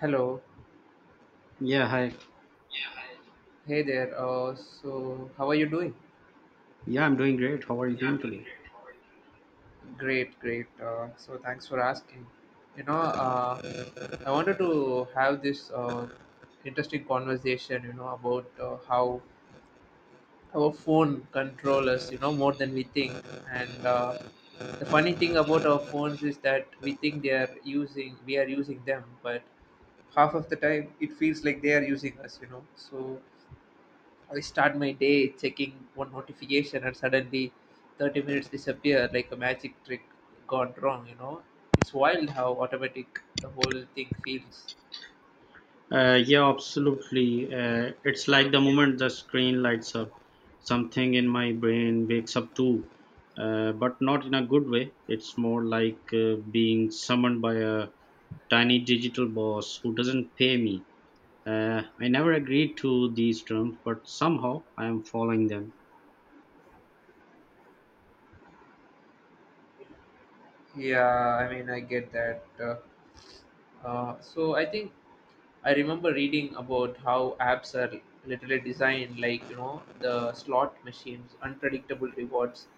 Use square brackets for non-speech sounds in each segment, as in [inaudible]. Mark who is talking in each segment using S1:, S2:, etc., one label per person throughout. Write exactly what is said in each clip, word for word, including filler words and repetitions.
S1: Hello.
S2: Yeah, hi.
S1: Hey there. Uh, so, how are you doing?
S2: Yeah, I'm doing great. How are you doing today?
S1: Great, great. Uh, so, thanks for asking. You know, uh, I wanted to have this uh, interesting conversation, you know, about uh, how our phone control us, you know, more than we think. And uh, The funny thing about our phones is that we think they are using, we are using them, but half of the time it feels like they are using us, you know. So, I start my day checking one notification and suddenly thirty minutes disappear like a magic trick gone wrong, you know? It's wild how automatic the whole thing feels.
S2: Uh, yeah, absolutely. Uh, it's like the moment the screen lights up, something in my brain wakes up too, uh, but not in a good way. It's more like uh, being summoned by a tiny digital boss who doesn't pay me. Uh, I never agreed to these terms, but somehow I am following them.
S1: Yeah, I mean, I get that. Uh, uh, so I think I remember reading about how apps are literally designed like, you know, the slot machines, unpredictable rewards,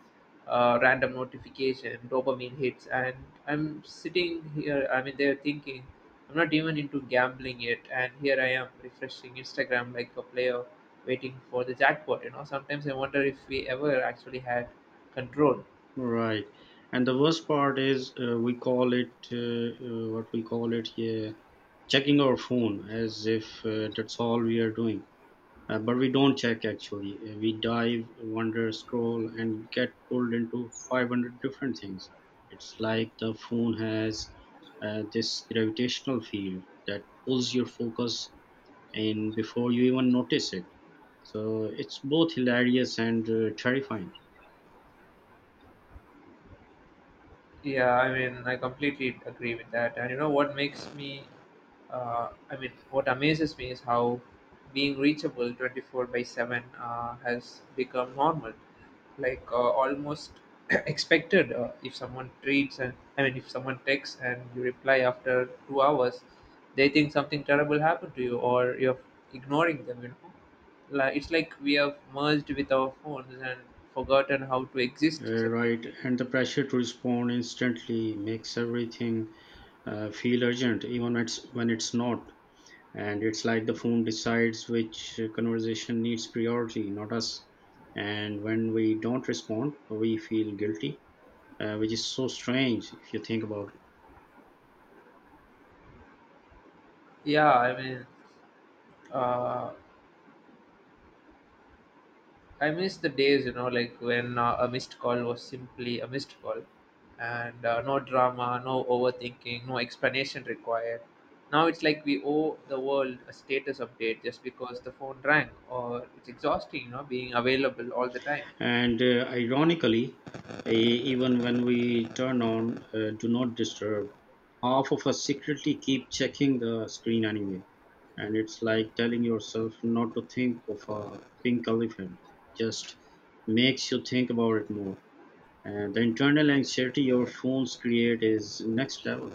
S1: uh, random notification, dopamine hits. And I'm sitting here, I mean, they're thinking, I'm not even into gambling yet. And here I am refreshing Instagram like a player waiting for the jackpot. You know, sometimes I wonder if we ever actually had control.
S2: Right. And the worst part is uh, we call it uh, uh, what we call it here, checking our phone as if uh, that's all we are doing. Uh, but we don't check actually. Uh, we dive, wander, scroll, and get pulled into five hundred different things. It's like the phone has uh, this gravitational field that pulls your focus in before you even notice it. So it's both hilarious and uh, terrifying.
S1: Yeah, I mean, I completely agree with that. And you know what makes me, uh, I mean, what amazes me is how being reachable twenty-four by seven uh, has become normal, like uh, almost [clears throat] expected. Uh, if someone treats and I mean, If someone texts and you reply after two hours, they think something terrible happened to you or you're ignoring them, you know. Like, it's like we have merged with our phones and forgotten how to exist
S2: Uh, right,
S1: separately.
S2: and the pressure to respond instantly makes everything uh, feel urgent, even it's, when it's not. And it's like the phone decides which uh, conversation needs priority, not us. And when we don't respond, we feel guilty, uh, which is so strange if you think about it.
S1: Yeah, I mean, uh, I miss the days, you know, like when uh, a missed call was simply a missed call, and uh, no drama, no overthinking, no explanation required. Now it's like we owe the world a status update just because the phone rang, or it's exhausting, you know, being available all the time.
S2: And uh, ironically, eh, even when we turn on uh, Do Not Disturb, half of us secretly keep checking the screen anyway. And it's like telling yourself not to think of a pink elephant, just makes you think about it more. And the internal anxiety your phones create is next level.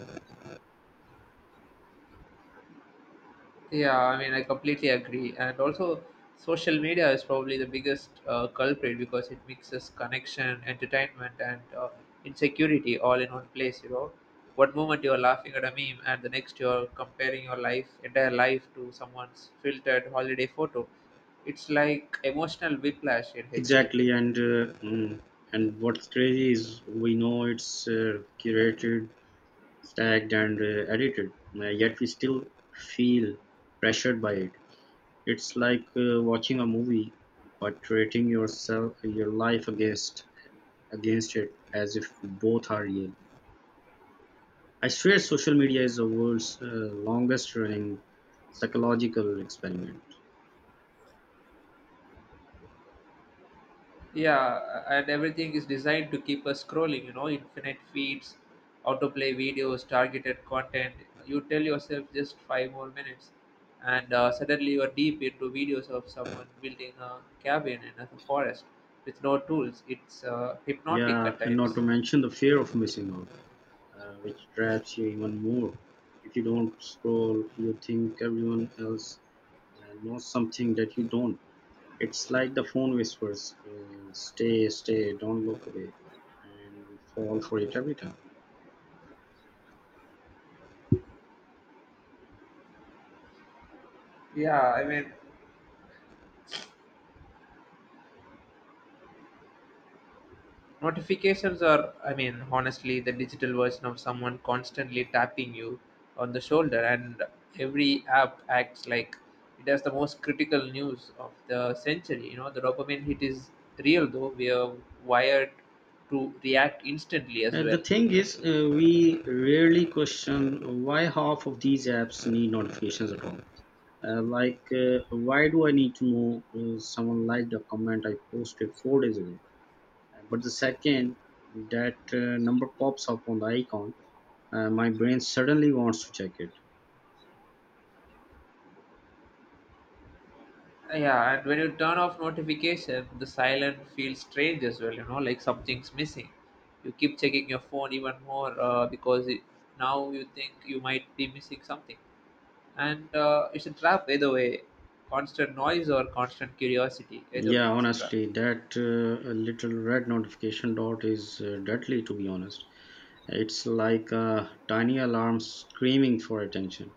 S1: Yeah, I mean, I completely agree. And also, social media is probably the biggest uh, culprit because it mixes connection, entertainment, and uh, insecurity all in one place. You know, one moment you're laughing at a meme, and the next you're comparing your life, entire life to someone's filtered holiday photo. It's like emotional whiplash in H D.
S2: Exactly, and uh, mm, and what's crazy is we know it's uh, curated, stacked, and uh, edited, uh, yet we still feel pressured by it. It's like uh, watching a movie, but rating yourself your life against against it as if both are real. I swear, social media is the world's uh, longest running psychological experiment.
S1: Yeah, and everything is designed to keep us scrolling, you know, infinite feeds, autoplay videos, targeted content. You tell yourself just five more minutes, and uh, suddenly you are deep into videos of someone building a cabin in a forest with no tools. It's uh, hypnotic
S2: Yeah,
S1: at
S2: and not to
S1: times.
S2: mention the fear of missing out, uh, which traps you even more. If you don't scroll, you think everyone else uh, knows something that you don't. It's like the phone whispers, uh, stay, stay, don't look away. And we fall for it every time.
S1: Yeah, I mean, Notifications are, I mean, honestly, the digital version of someone constantly tapping you on the shoulder, and every app acts like it has the most critical news of the century. You know, the dopamine hit is real, though. We are wired to react instantly as
S2: And
S1: well.
S2: the thing is, uh, we rarely question why half of these apps need notifications at all. Uh, like, uh, why do I need to know uh, someone liked a comment I posted four days ago? Uh, But the second that uh, number pops up on the icon, uh, my brain suddenly wants to check it.
S1: Yeah, and when you turn off notification, the silent feels strange as well. You know, like something's missing. You keep checking your phone even more uh, because it, now you think you might be missing something. And uh, It's a trap either way, constant noise or constant curiosity, either way
S2: Yeah,
S1: it's a trap.
S2: honestly, that uh, little red notification dot is uh, deadly, to be honest. It's like a tiny alarm screaming for attention.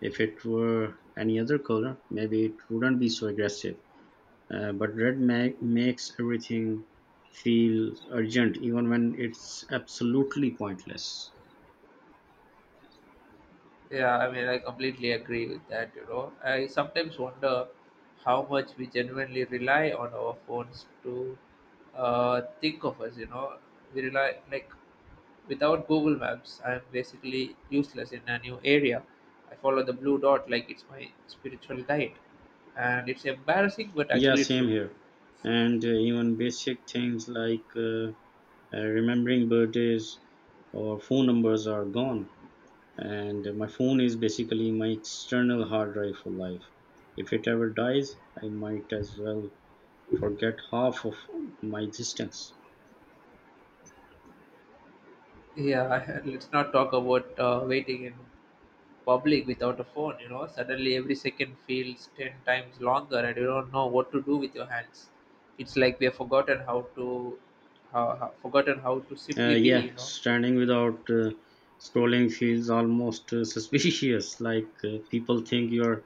S2: If it were any other color, maybe it wouldn't be so aggressive. Uh, but red ma- makes everything feel urgent, even when it's absolutely pointless.
S1: Yeah, I mean, I completely agree with that. You know, I sometimes wonder how much we genuinely rely on our phones to uh, think of us. You know, we rely like without Google Maps I'm basically useless in a new area. I follow the blue dot like it's my spiritual guide, and it's embarrassing but
S2: Yeah,
S1: actually
S2: same
S1: true.
S2: here. And uh, even basic things like uh, uh, remembering birthdays or phone numbers are gone. And my phone is basically my external hard drive for life. If it ever dies, I might as well forget half of my existence.
S1: Yeah, [laughs] let's not talk about uh, waiting in public without a phone. You know, suddenly every second feels ten times longer and you don't know what to do with your hands. It's like we have forgotten how to how, how, forgotten how to simply
S2: uh,
S1: be,
S2: yeah
S1: you know.
S2: standing without uh, scrolling feels almost uh, [laughs] suspicious, like uh, people think you're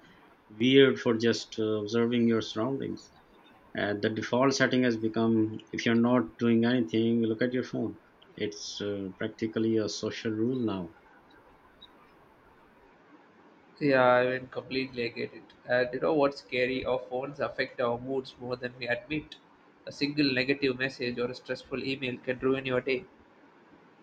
S2: weird for just uh, observing your surroundings. Uh, the default setting has become if you're not doing anything, look at your phone. It's uh, practically a social rule now.
S1: Yeah I mean completely I get it. And you know what's scary, our phones affect our moods more than we admit. A single negative message or a stressful email can ruin your day,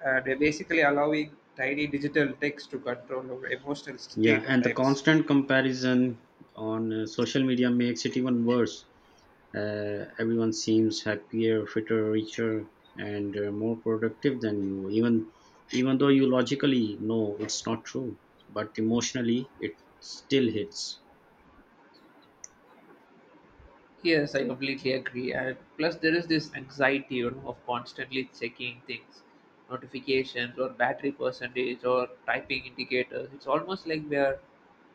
S1: and we're basically allowing tiny digital text to control our emotional state
S2: Yeah,
S1: at
S2: and the
S1: times.
S2: constant comparison on uh, social media makes it even worse. Uh, everyone seems happier, fitter, richer, and uh, more productive than you. Even even though you logically know it's not true, but emotionally it still hits.
S1: Yes, I completely agree. And plus, there is this anxiety, you know, of constantly checking things, notifications, or battery percentage, or typing indicators. It's almost like we are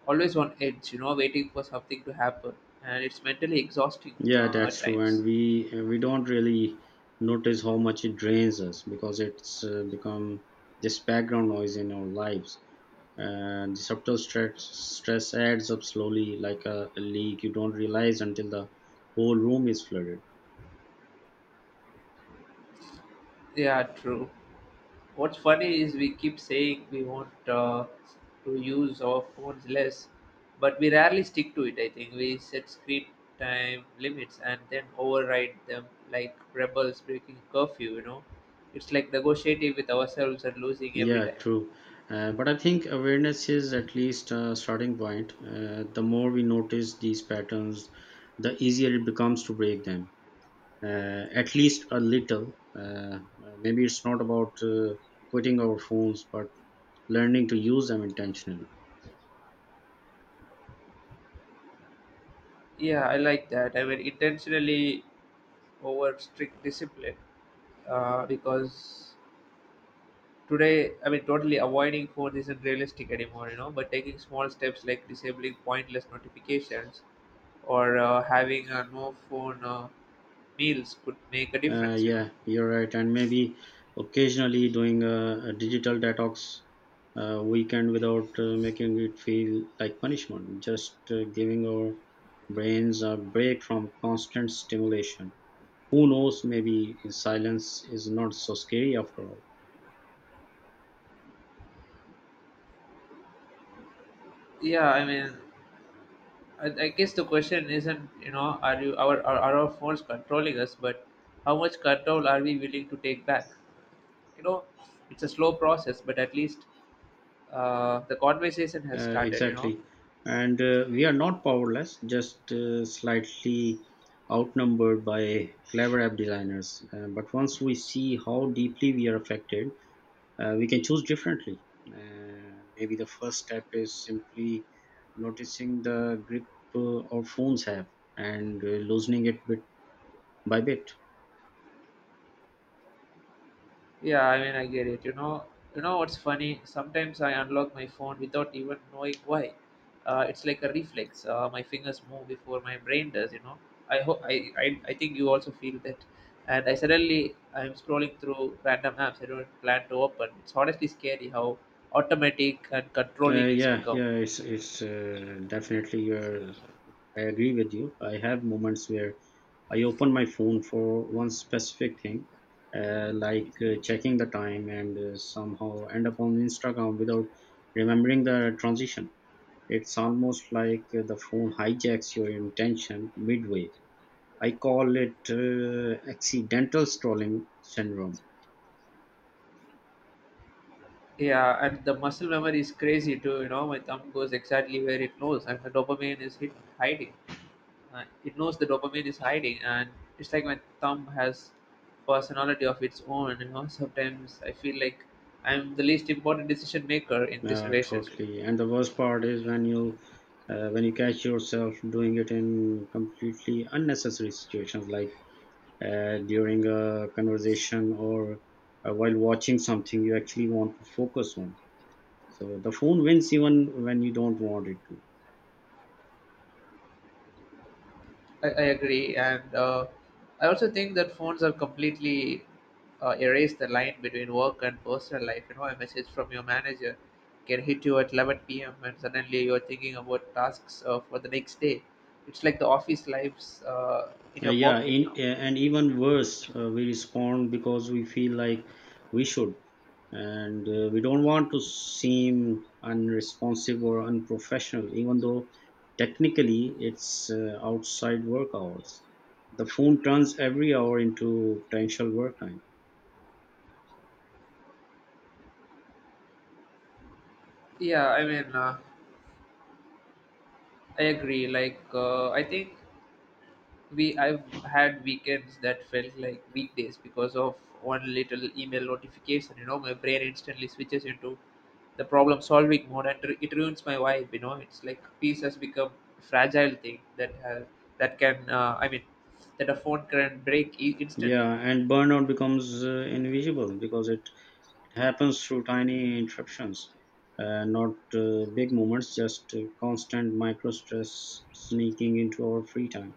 S1: always on edge, you know, waiting for something to happen, and it's mentally exhausting
S2: Yeah,
S1: uh,
S2: that's
S1: at
S2: true, and
S1: times.
S2: we uh, we don't really notice how much it drains us because it's uh, become this background noise in our lives. And the subtle stress, stress adds up slowly like a a leak you don't realize until the whole room is flooded.
S1: Yeah, true. What's funny is we keep saying we want uh, to use our phones less, but we rarely stick to it. I think we set screen time limits and then override them like rebels breaking curfew. You know, it's like negotiating with ourselves and losing every
S2: Yeah,
S1: time.
S2: true. Uh, but I think awareness is at least a starting point. Uh, the more we notice these patterns, the easier it becomes to break them, uh, at least a little. Uh, maybe it's not about uh, quitting our phones, but learning to use them intentionally.
S1: Yeah, I like that. I mean, intentionally over strict discipline, uh, because today, I mean, totally avoiding phone isn't realistic anymore, you know, but taking small steps like disabling pointless notifications or uh, having a no phone uh, meals could make a
S2: Uh,
S1: difference, you know.
S2: yeah, you're right. And maybe occasionally doing a, a digital detox uh, weekend without uh, making it feel like punishment, just uh, giving our brains a break from constant stimulation. Who knows, maybe silence is not so scary after all.
S1: yeah i mean i, I guess the question isn't, you know, are you our are, are our phones controlling us, but how much control are we willing to take back. You know, it's a slow process but at least uh, the conversation has
S2: Uh,
S1: started, you know.
S2: exactly. And uh, we are not powerless, just uh, slightly outnumbered by clever app designers. Uh, but once we see how deeply we are affected, uh, we can choose differently. Uh, maybe the first step is simply noticing the grip uh, our phones have and uh, loosening it bit by bit.
S1: Yeah, I mean, I get it. You know, you know what's funny? Sometimes I unlock my phone without even knowing why. Uh, it's like a reflex. Uh, my fingers move before my brain does. You know, I hope I, I I think you also feel that. And I suddenly I'm scrolling through random apps I don't plan to open. It's honestly scary how automatic and
S2: Uh,
S1: controlling it's
S2: yeah,
S1: become.
S2: yeah, it's it's uh, definitely your. I agree with you. I have moments where I open my phone for one specific thing, uh, like uh, checking the time, and uh, somehow end up on Instagram without remembering the transition. It's almost like the phone hijacks your intention midway. I call it uh, accidental scrolling syndrome.
S1: Yeah, and the muscle memory is crazy too. You know, my thumb goes exactly where it knows, and the dopamine is hit hiding. Uh, it knows the dopamine is hiding, and it's like my thumb has personality of its own. You know, sometimes I feel like I'm the least important decision maker in this
S2: Uh,
S1: relationship.
S2: totally. And the worst part is when you uh, when you catch yourself doing it in completely unnecessary situations, like uh, during a conversation or uh, while watching something you actually want to focus on. So the phone wins even when you don't want it to.
S1: i, I agree. And uh, I also think that phones are completely uh, erase the line between work and personal life. You know, a message from your manager can hit you at eleven p.m. and suddenly you're thinking about tasks uh, for the next day. It's like the office lives uh, in
S2: Uh,
S1: your
S2: yeah,
S1: pocket
S2: in,
S1: now.
S2: uh, and even worse, uh, we respond because we feel like we should, and uh, we don't want to seem unresponsive or unprofessional, even though technically it's uh, outside work hours. The phone turns every hour into potential work time.
S1: yeah i mean uh, I agree. Like uh, I think we I've had weekends that felt like weekdays because of one little email notification. You know, my brain instantly switches into the problem solving mode, and ru- it ruins my vibe. You know, it's like peace has become a fragile thing that has that can uh, I mean that a phone can break e- instantly.
S2: Yeah, and burnout becomes uh, invisible because it happens through tiny interruptions, uh, not uh, big moments, just uh, constant micro stress sneaking into our free time.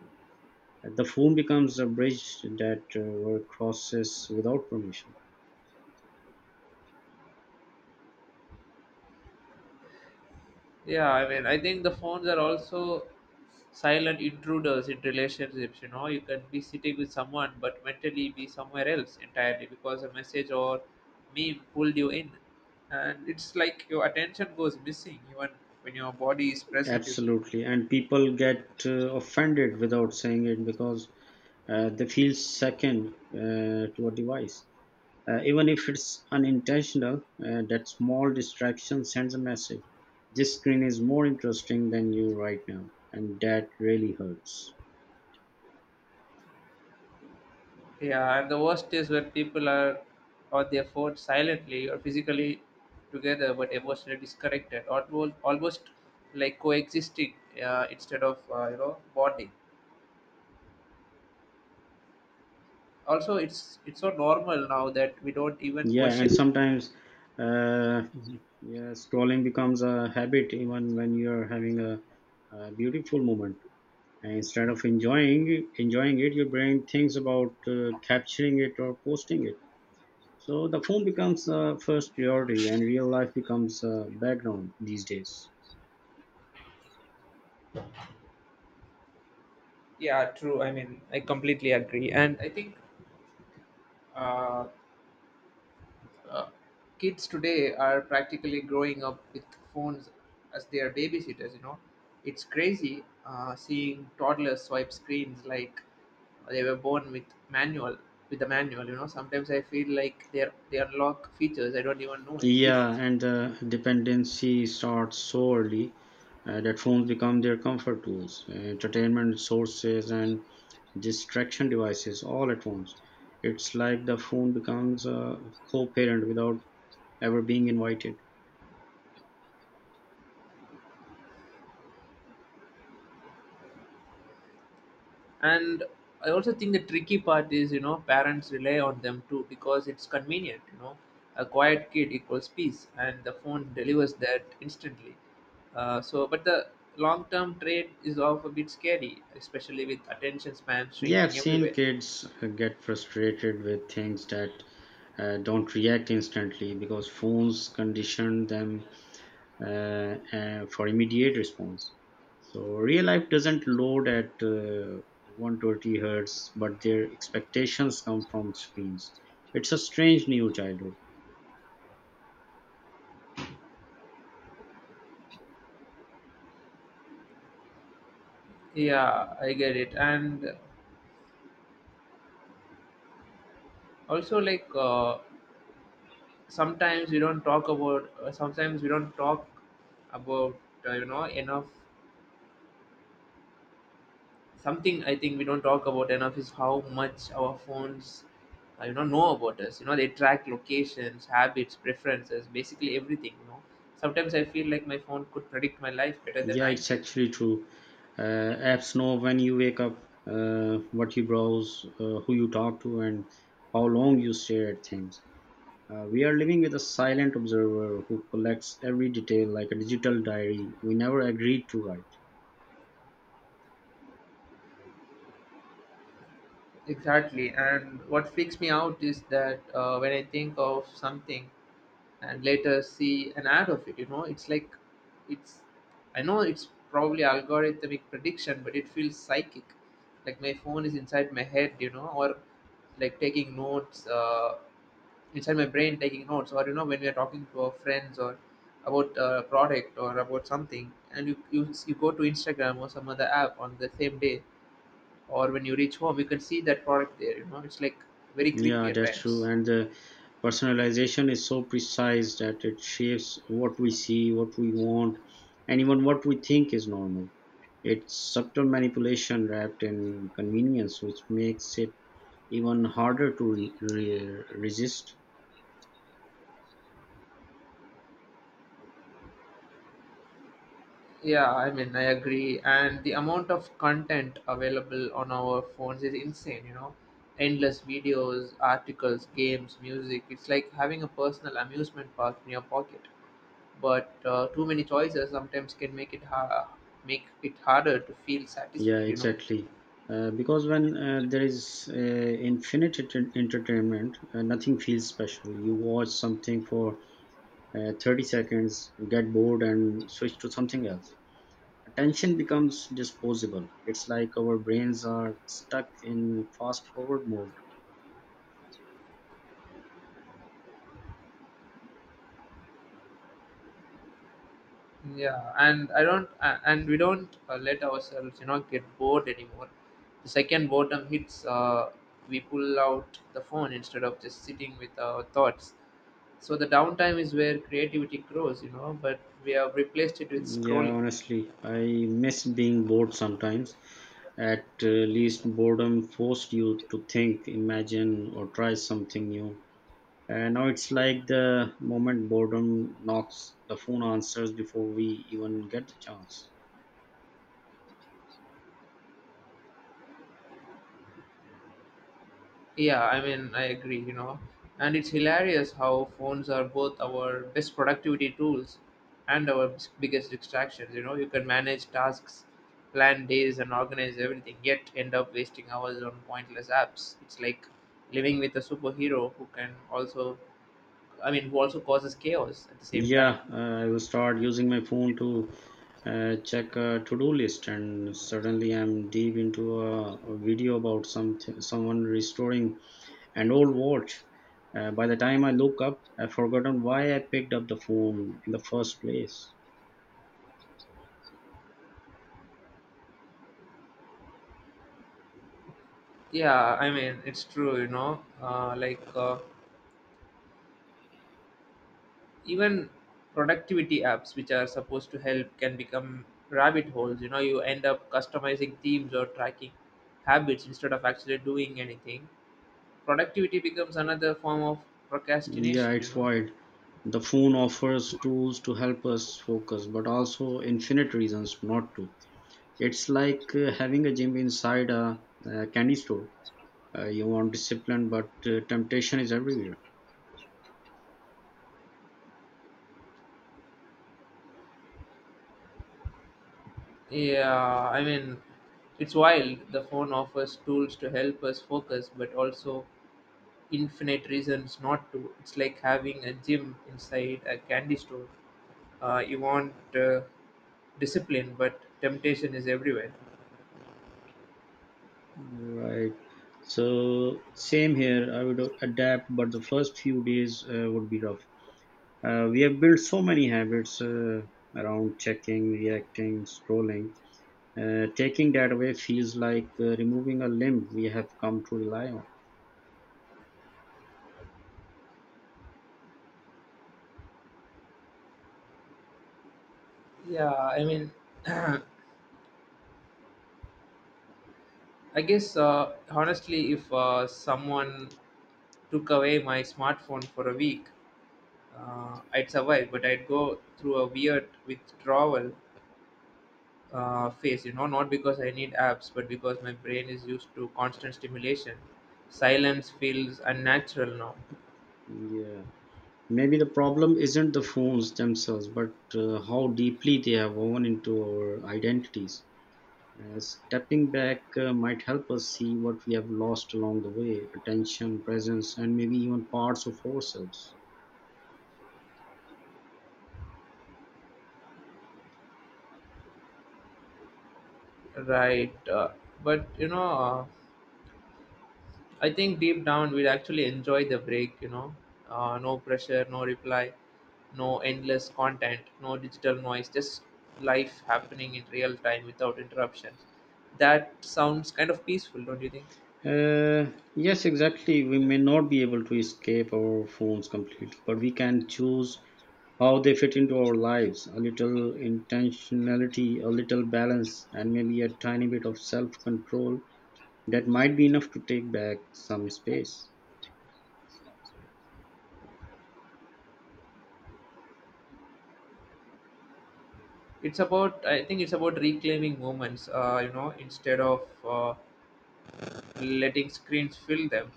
S2: Uh, The phone becomes a bridge that uh, were crosses without permission.
S1: Yeah, I mean, I think the phones are also silent intruders in relationships. You know, you can be sitting with someone but mentally be somewhere else entirely because a message or meme pulled you in, and it's like your attention goes missing even when your body is present, you know.
S2: Absolutely, and people get uh, offended without saying it because uh, they feel second uh, to a device. Uh, even if it's unintentional, uh, that small distraction sends a message. This screen is more interesting than you right now, and that really hurts.
S1: Yeah, and the worst is when people are on their phones silently or physically together but emotionally disconnected, almost almost like coexisting uh, instead of uh, you know, bonding. Also, it's it's so normal now that we don't even
S2: Yeah, and
S1: question it.
S2: sometimes, uh, yeah, scrolling becomes a habit even when you're having a, a beautiful moment. And instead of enjoying enjoying it, your brain thinks about uh, capturing it or posting it. So the phone becomes the first priority, and real life becomes a background these days.
S1: Yeah, true. I mean, I completely agree. And I think uh, uh, kids today are practically growing up with phones as their babysitters, you know. It's crazy uh, seeing toddlers swipe screens like they were born with manual with the manual. You know, sometimes I feel like they are they unlock features I don't even know
S2: Yeah,
S1: exists.
S2: and the dependency starts so early uh, that phones become their comfort tools, uh, entertainment sources, and distraction devices all at once. It's like the phone becomes a co parent without ever being invited.
S1: And I also think the tricky part is, you know, parents rely on them too because it's convenient. You know, a quiet kid equals peace and the phone delivers that instantly. Uh, so but the long term trade is off a bit scary, especially with attention span
S2: Yeah, I've
S1: shrinking
S2: seen
S1: everywhere.
S2: kids uh, get frustrated with things that uh, don't react instantly because phones condition them uh, uh, for immediate response. So real life doesn't load at uh, one hundred twenty hertz, but their expectations come from screens. It's a strange new childhood.
S1: Yeah, I get it. And also, like, uh, sometimes we don't talk about uh, sometimes we don't talk about uh, you know enough something I think we don't talk about enough is how much our phones, uh, you know, know about us. You know, they track locations, habits, preferences, basically everything. You know, sometimes I feel like my phone could predict my life better than
S2: Yeah,
S1: I
S2: it's
S1: can.
S2: actually true. Uh, apps know when you wake up, uh, what you browse, uh, who you talk to, and how long you stare at things. Uh, we are living with a silent observer who collects every detail like a digital diary we never agreed to write.
S1: Exactly, and what freaks me out is that uh, when I think of something, and later see an ad of it, you know, it's like it's I know it's probably algorithmic prediction but it feels psychic, like my phone is inside my head. You know, or like taking notes uh, inside my brain, taking notes. Or you know, when we are talking to our friends or about a product or about something, and you, you you go to Instagram or some other app on the same day, or when you reach home you can see that product there. You know, it's like very creepy
S2: Yeah,
S1: at
S2: that's true.
S1: times.
S2: And the personalization is so precise that it shapes what we see, what we want, and even what we think is normal. It's subtle manipulation wrapped in convenience, which makes it even harder to re- re- resist.
S1: Yeah, I mean, I agree. And the amount of content available on our phones is insane, you know. Endless videos, articles, games, music. It's like having a personal amusement park in your pocket. But uh, too many choices sometimes can make it ha- make it harder to feel
S2: Yeah,
S1: satisfied, you know.
S2: exactly. Uh, because when uh, there is uh, infinite enter- entertainment, uh, nothing feels special. You watch something for uh, thirty seconds, get bored, and switch to something else. Attention becomes disposable. It's like our brains are stuck in fast forward mode.
S1: Yeah and I don't uh, and we don't uh, let ourselves, you know, get bored anymore. The second boredom hits uh, We pull out the phone instead of just sitting with our thoughts. So the downtime is where creativity grows, you know, but we have replaced it with
S2: Yeah,
S1: scrolling.
S2: honestly, I miss being bored sometimes. At uh, least boredom forced you to think, imagine, or try something new. And now it's like the moment boredom knocks, the phone answers before we even get the chance.
S1: Yeah, I mean, I agree, you know. And it's hilarious how phones are both our best productivity tools and our bis- biggest distractions, you know. You can manage tasks, plan days, and organize everything, yet end up wasting hours on pointless apps. It's like living with a superhero who can also, I mean, who also causes chaos at the same time.
S2: Yeah, uh, I will start using my phone to uh, check a to-do list, and suddenly I'm deep into a, a video about some someone restoring an old watch. Uh, by the time I look up, I've forgotten why I picked up the phone in the first place.
S1: Yeah, I mean, it's true, you know. Uh, like, uh, even productivity apps, which are supposed to help, can become rabbit holes. You know, you end up customizing themes or tracking habits instead of actually doing anything. Productivity becomes another form of
S2: Yeah,
S1: procrastination, you
S2: it's
S1: know.
S2: wild. The phone offers tools to help us focus, but also infinite reasons not to. It's like uh, having a gym inside a, uh candy store. Uh, you want discipline but uh, temptation is everywhere.
S1: Yeah i mean it's wild. The phone offers tools to help us focus, but also infinite reasons not to. It's like having a gym inside a candy store uh, You want uh, discipline, but temptation is everywhere.
S2: Right, so same here. I would adapt, but the first few days uh, would be rough. Uh, we have built so many habits uh, around checking, reacting, scrolling. Uh, taking that away feels like uh, removing a limb we have come to rely on.
S1: Yeah, I mean, [clears throat] I guess uh, honestly, if uh, someone took away my smartphone for a week, uh, I'd survive, but I'd go through a weird withdrawal uh, phase, you know, not because I need apps, but because my brain is used to constant stimulation. Silence feels unnatural now,
S2: Yeah, maybe the problem isn't the phones themselves but uh, how deeply they have woven into our identities. Uh, stepping back uh, might help us see what we have lost along the way: attention, presence, and maybe even parts of ourselves.
S1: right? Uh, but, you know, uh, I think deep down we'd actually enjoy the break, you know. Uh, no pressure, no reply, no endless content, no digital noise, just life happening in real time without interruptions. That sounds kind of peaceful, don't you think?
S2: Uh, yes, exactly. We may not be able to escape our phones completely, but we can choose how they fit into our lives. A little intentionality, a little balance, and maybe a tiny bit of self control, that might be enough to take back some space.
S1: It's about, I think it's about reclaiming moments, uh, you know, instead of uh, letting screens fill them.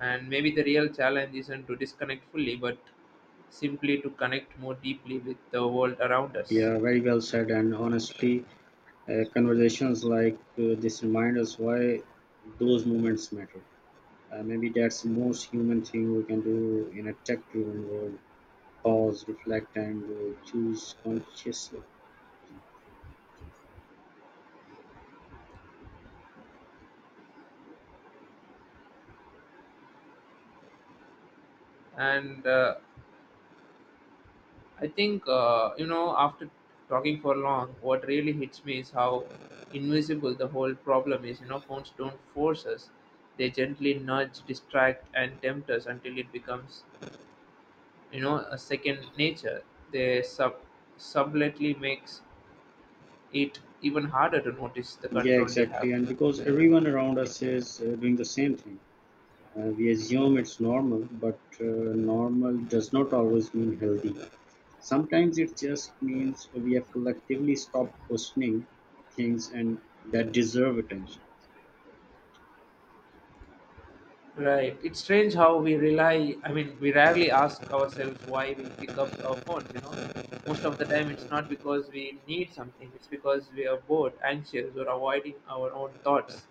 S1: And maybe the real challenge isn't to disconnect fully, but simply to connect more deeply with the world around us.
S2: Yeah, very well said. And honestly, uh, conversations like uh, this remind us why those moments matter. Uh, maybe that's the most human thing we can do in a tech driven world: pause, reflect, and uh, choose consciously.
S1: And uh, I think, uh, you know, after talking for long, what really hits me is how invisible the whole problem is. You know, phones don't force us, they gently nudge, distract, and tempt us until it becomes, you know, a second nature. They sub- subtly makes it even harder to notice the
S2: Yeah,
S1: control they have.
S2: exactly. And because everyone around us is uh, doing the same thing. Uh, we assume it's normal, but uh, normal does not always mean healthy. Sometimes it just means we have collectively stopped questioning things and that deserve attention.
S1: Right. It's strange how we rely, I mean, we rarely ask ourselves why we pick up our phones, you know. Most of the time, it's not because we need something, it's because we are bored, anxious, or avoiding our own thoughts.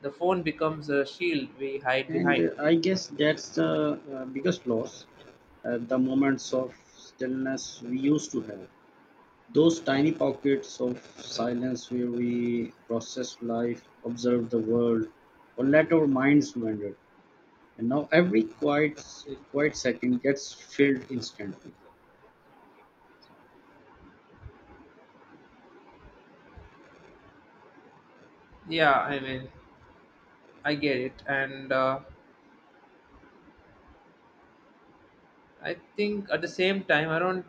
S1: The phone becomes a shield we hide
S2: And
S1: behind.
S2: uh, I guess that's the uh, biggest loss, uh, the moments of stillness we used to have. Those tiny pockets of silence where we processed life, observed the world, or let our minds wander. And now every quiet, quiet second gets filled instantly.
S1: Yeah, I mean, I get it. And uh, I think at the same time, I don't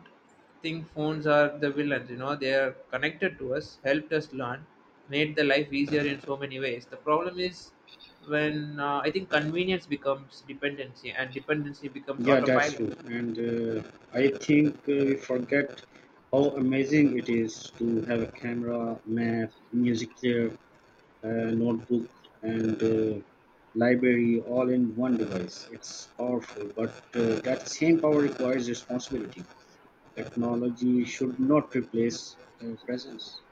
S1: think phones are the villains. You know, they are connected to us, helped us learn, made the life easier in so many ways. The problem is when uh, I think convenience becomes dependency, and dependency becomes
S2: Yeah, that's
S1: autopilot.
S2: true. And uh, I think uh, we forget how amazing it is to have a camera, map, music there, uh, notebook, and uh, library all in one device. It's powerful, but uh, that same power requires responsibility. Technology should not replace uh, presence.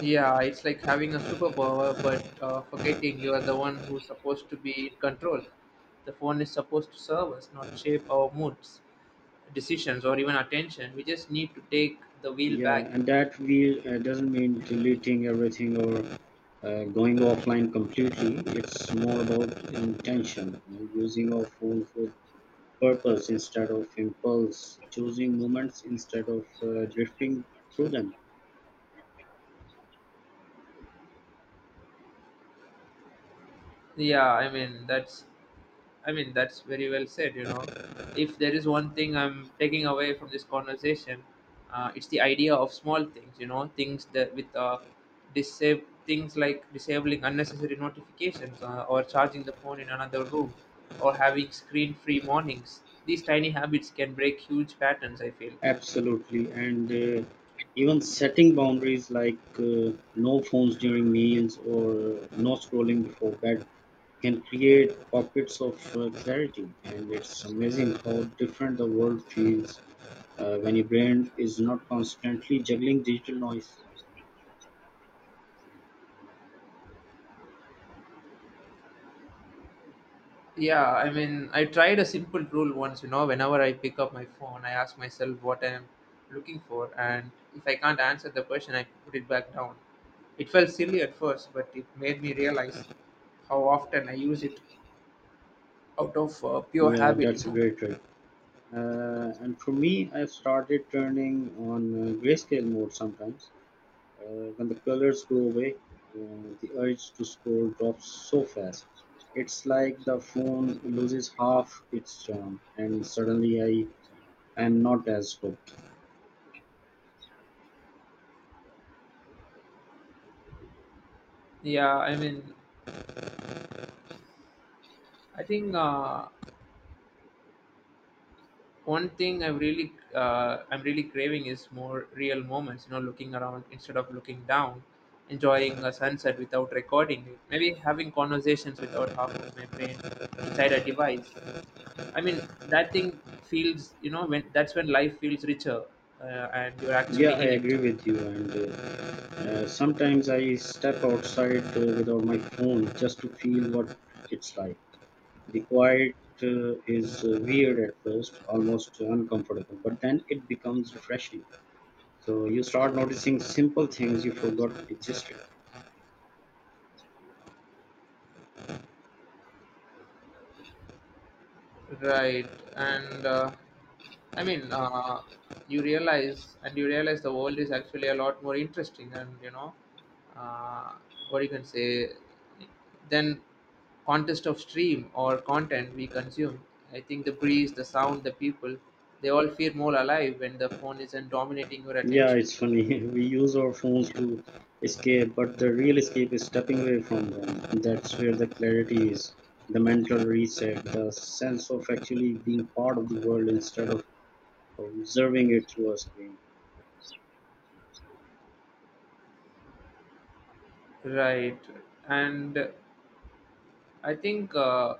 S1: Yeah, it's like having a superpower, but uh, forgetting you are the one who's supposed to be in control. The phone is supposed to serve us, not shape our moods, decisions, or even attention. We just need to take the wheel
S2: Yeah,
S1: back, you
S2: and
S1: know.
S2: that we uh, doesn't mean deleting everything or uh, going offline completely. It's more about intention, uh, using our phones with purpose instead of impulse, choosing moments instead of uh, drifting through them.
S1: Yeah, I mean that's I mean, that's very well said. You know, if there is one thing I'm taking away from this conversation, uh, it's the idea of small things. You know, things that with uh, disab- things like disabling unnecessary notifications, uh, or charging the phone in another room, or having screen-free mornings. These tiny habits can break huge patterns, I feel.
S2: Absolutely. And uh, even setting boundaries like uh, no phones during meals or uh, no scrolling before bed can create pockets of uh, clarity. And it's amazing how different the world feels uh, when your brain is not constantly juggling digital noise.
S1: Yeah, I mean, I tried a simple rule once, you know: whenever I pick up my phone, I ask myself what I'm looking for, and if I can't answer the question, I put it back down. It felt silly at first, but it made me realize how often I use it out of uh, pure
S2: Yeah,
S1: habit, you
S2: that's a
S1: know.
S2: great trick. Uh, and for me, I've started turning on uh, grayscale mode sometimes. Uh, when the colors go away, uh, the urge to scroll drops so fast. It's like the phone loses half its charm, and suddenly I am not as hooked.
S1: Yeah, I mean, I think uh, one thing I'm really uh, I'm really craving is more real moments, you know, looking around instead of looking down, enjoying a sunset without recording it, maybe having conversations without half of my brain inside a device. I mean, that thing feels, you know, when that's when life feels richer uh, and you're actually
S2: Yeah, I
S1: in it.
S2: agree with you. And uh, uh, sometimes I step outside uh, without my phone just to feel what it's like. The quiet uh, is uh, weird at first, almost uncomfortable, but then it becomes refreshing. So you start noticing simple things you forgot existed.
S1: Right, and uh, I mean, uh, you realize, and you realize the world is actually a lot more interesting, and, you know, uh, what you can say, then contest of stream or content we consume. I think the breeze, the sound, the people, they all feel more alive when the phone isn't dominating your
S2: Yeah,
S1: attention.
S2: it's funny. [laughs] We use our phones to escape, but the real escape is stepping away from them. That's where the clarity is, the mental reset, the sense of actually being part of the world instead of observing it through a screen.
S1: Right, and I think, Uh,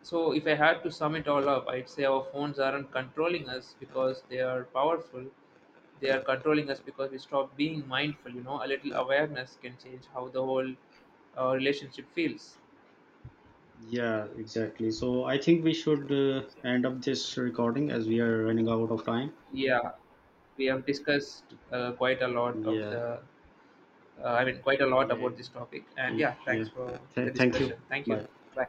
S1: so, if I had to sum it all up, I'd say our phones aren't controlling us because they are powerful. They are controlling us because we stop being mindful. You know, a little awareness can change how the whole uh, relationship feels.
S2: Yeah, exactly. So I think we should uh, end up this recording as we are running out of time.
S1: Yeah, we have discussed uh, quite a lot of
S2: Yeah,
S1: the, uh, I mean, quite a lot about
S2: yeah,
S1: this topic. And yeah,
S2: yeah.
S1: thanks for the
S2: Th- thank you.
S1: discussion. Thank you.
S2: Bye.
S1: Bye.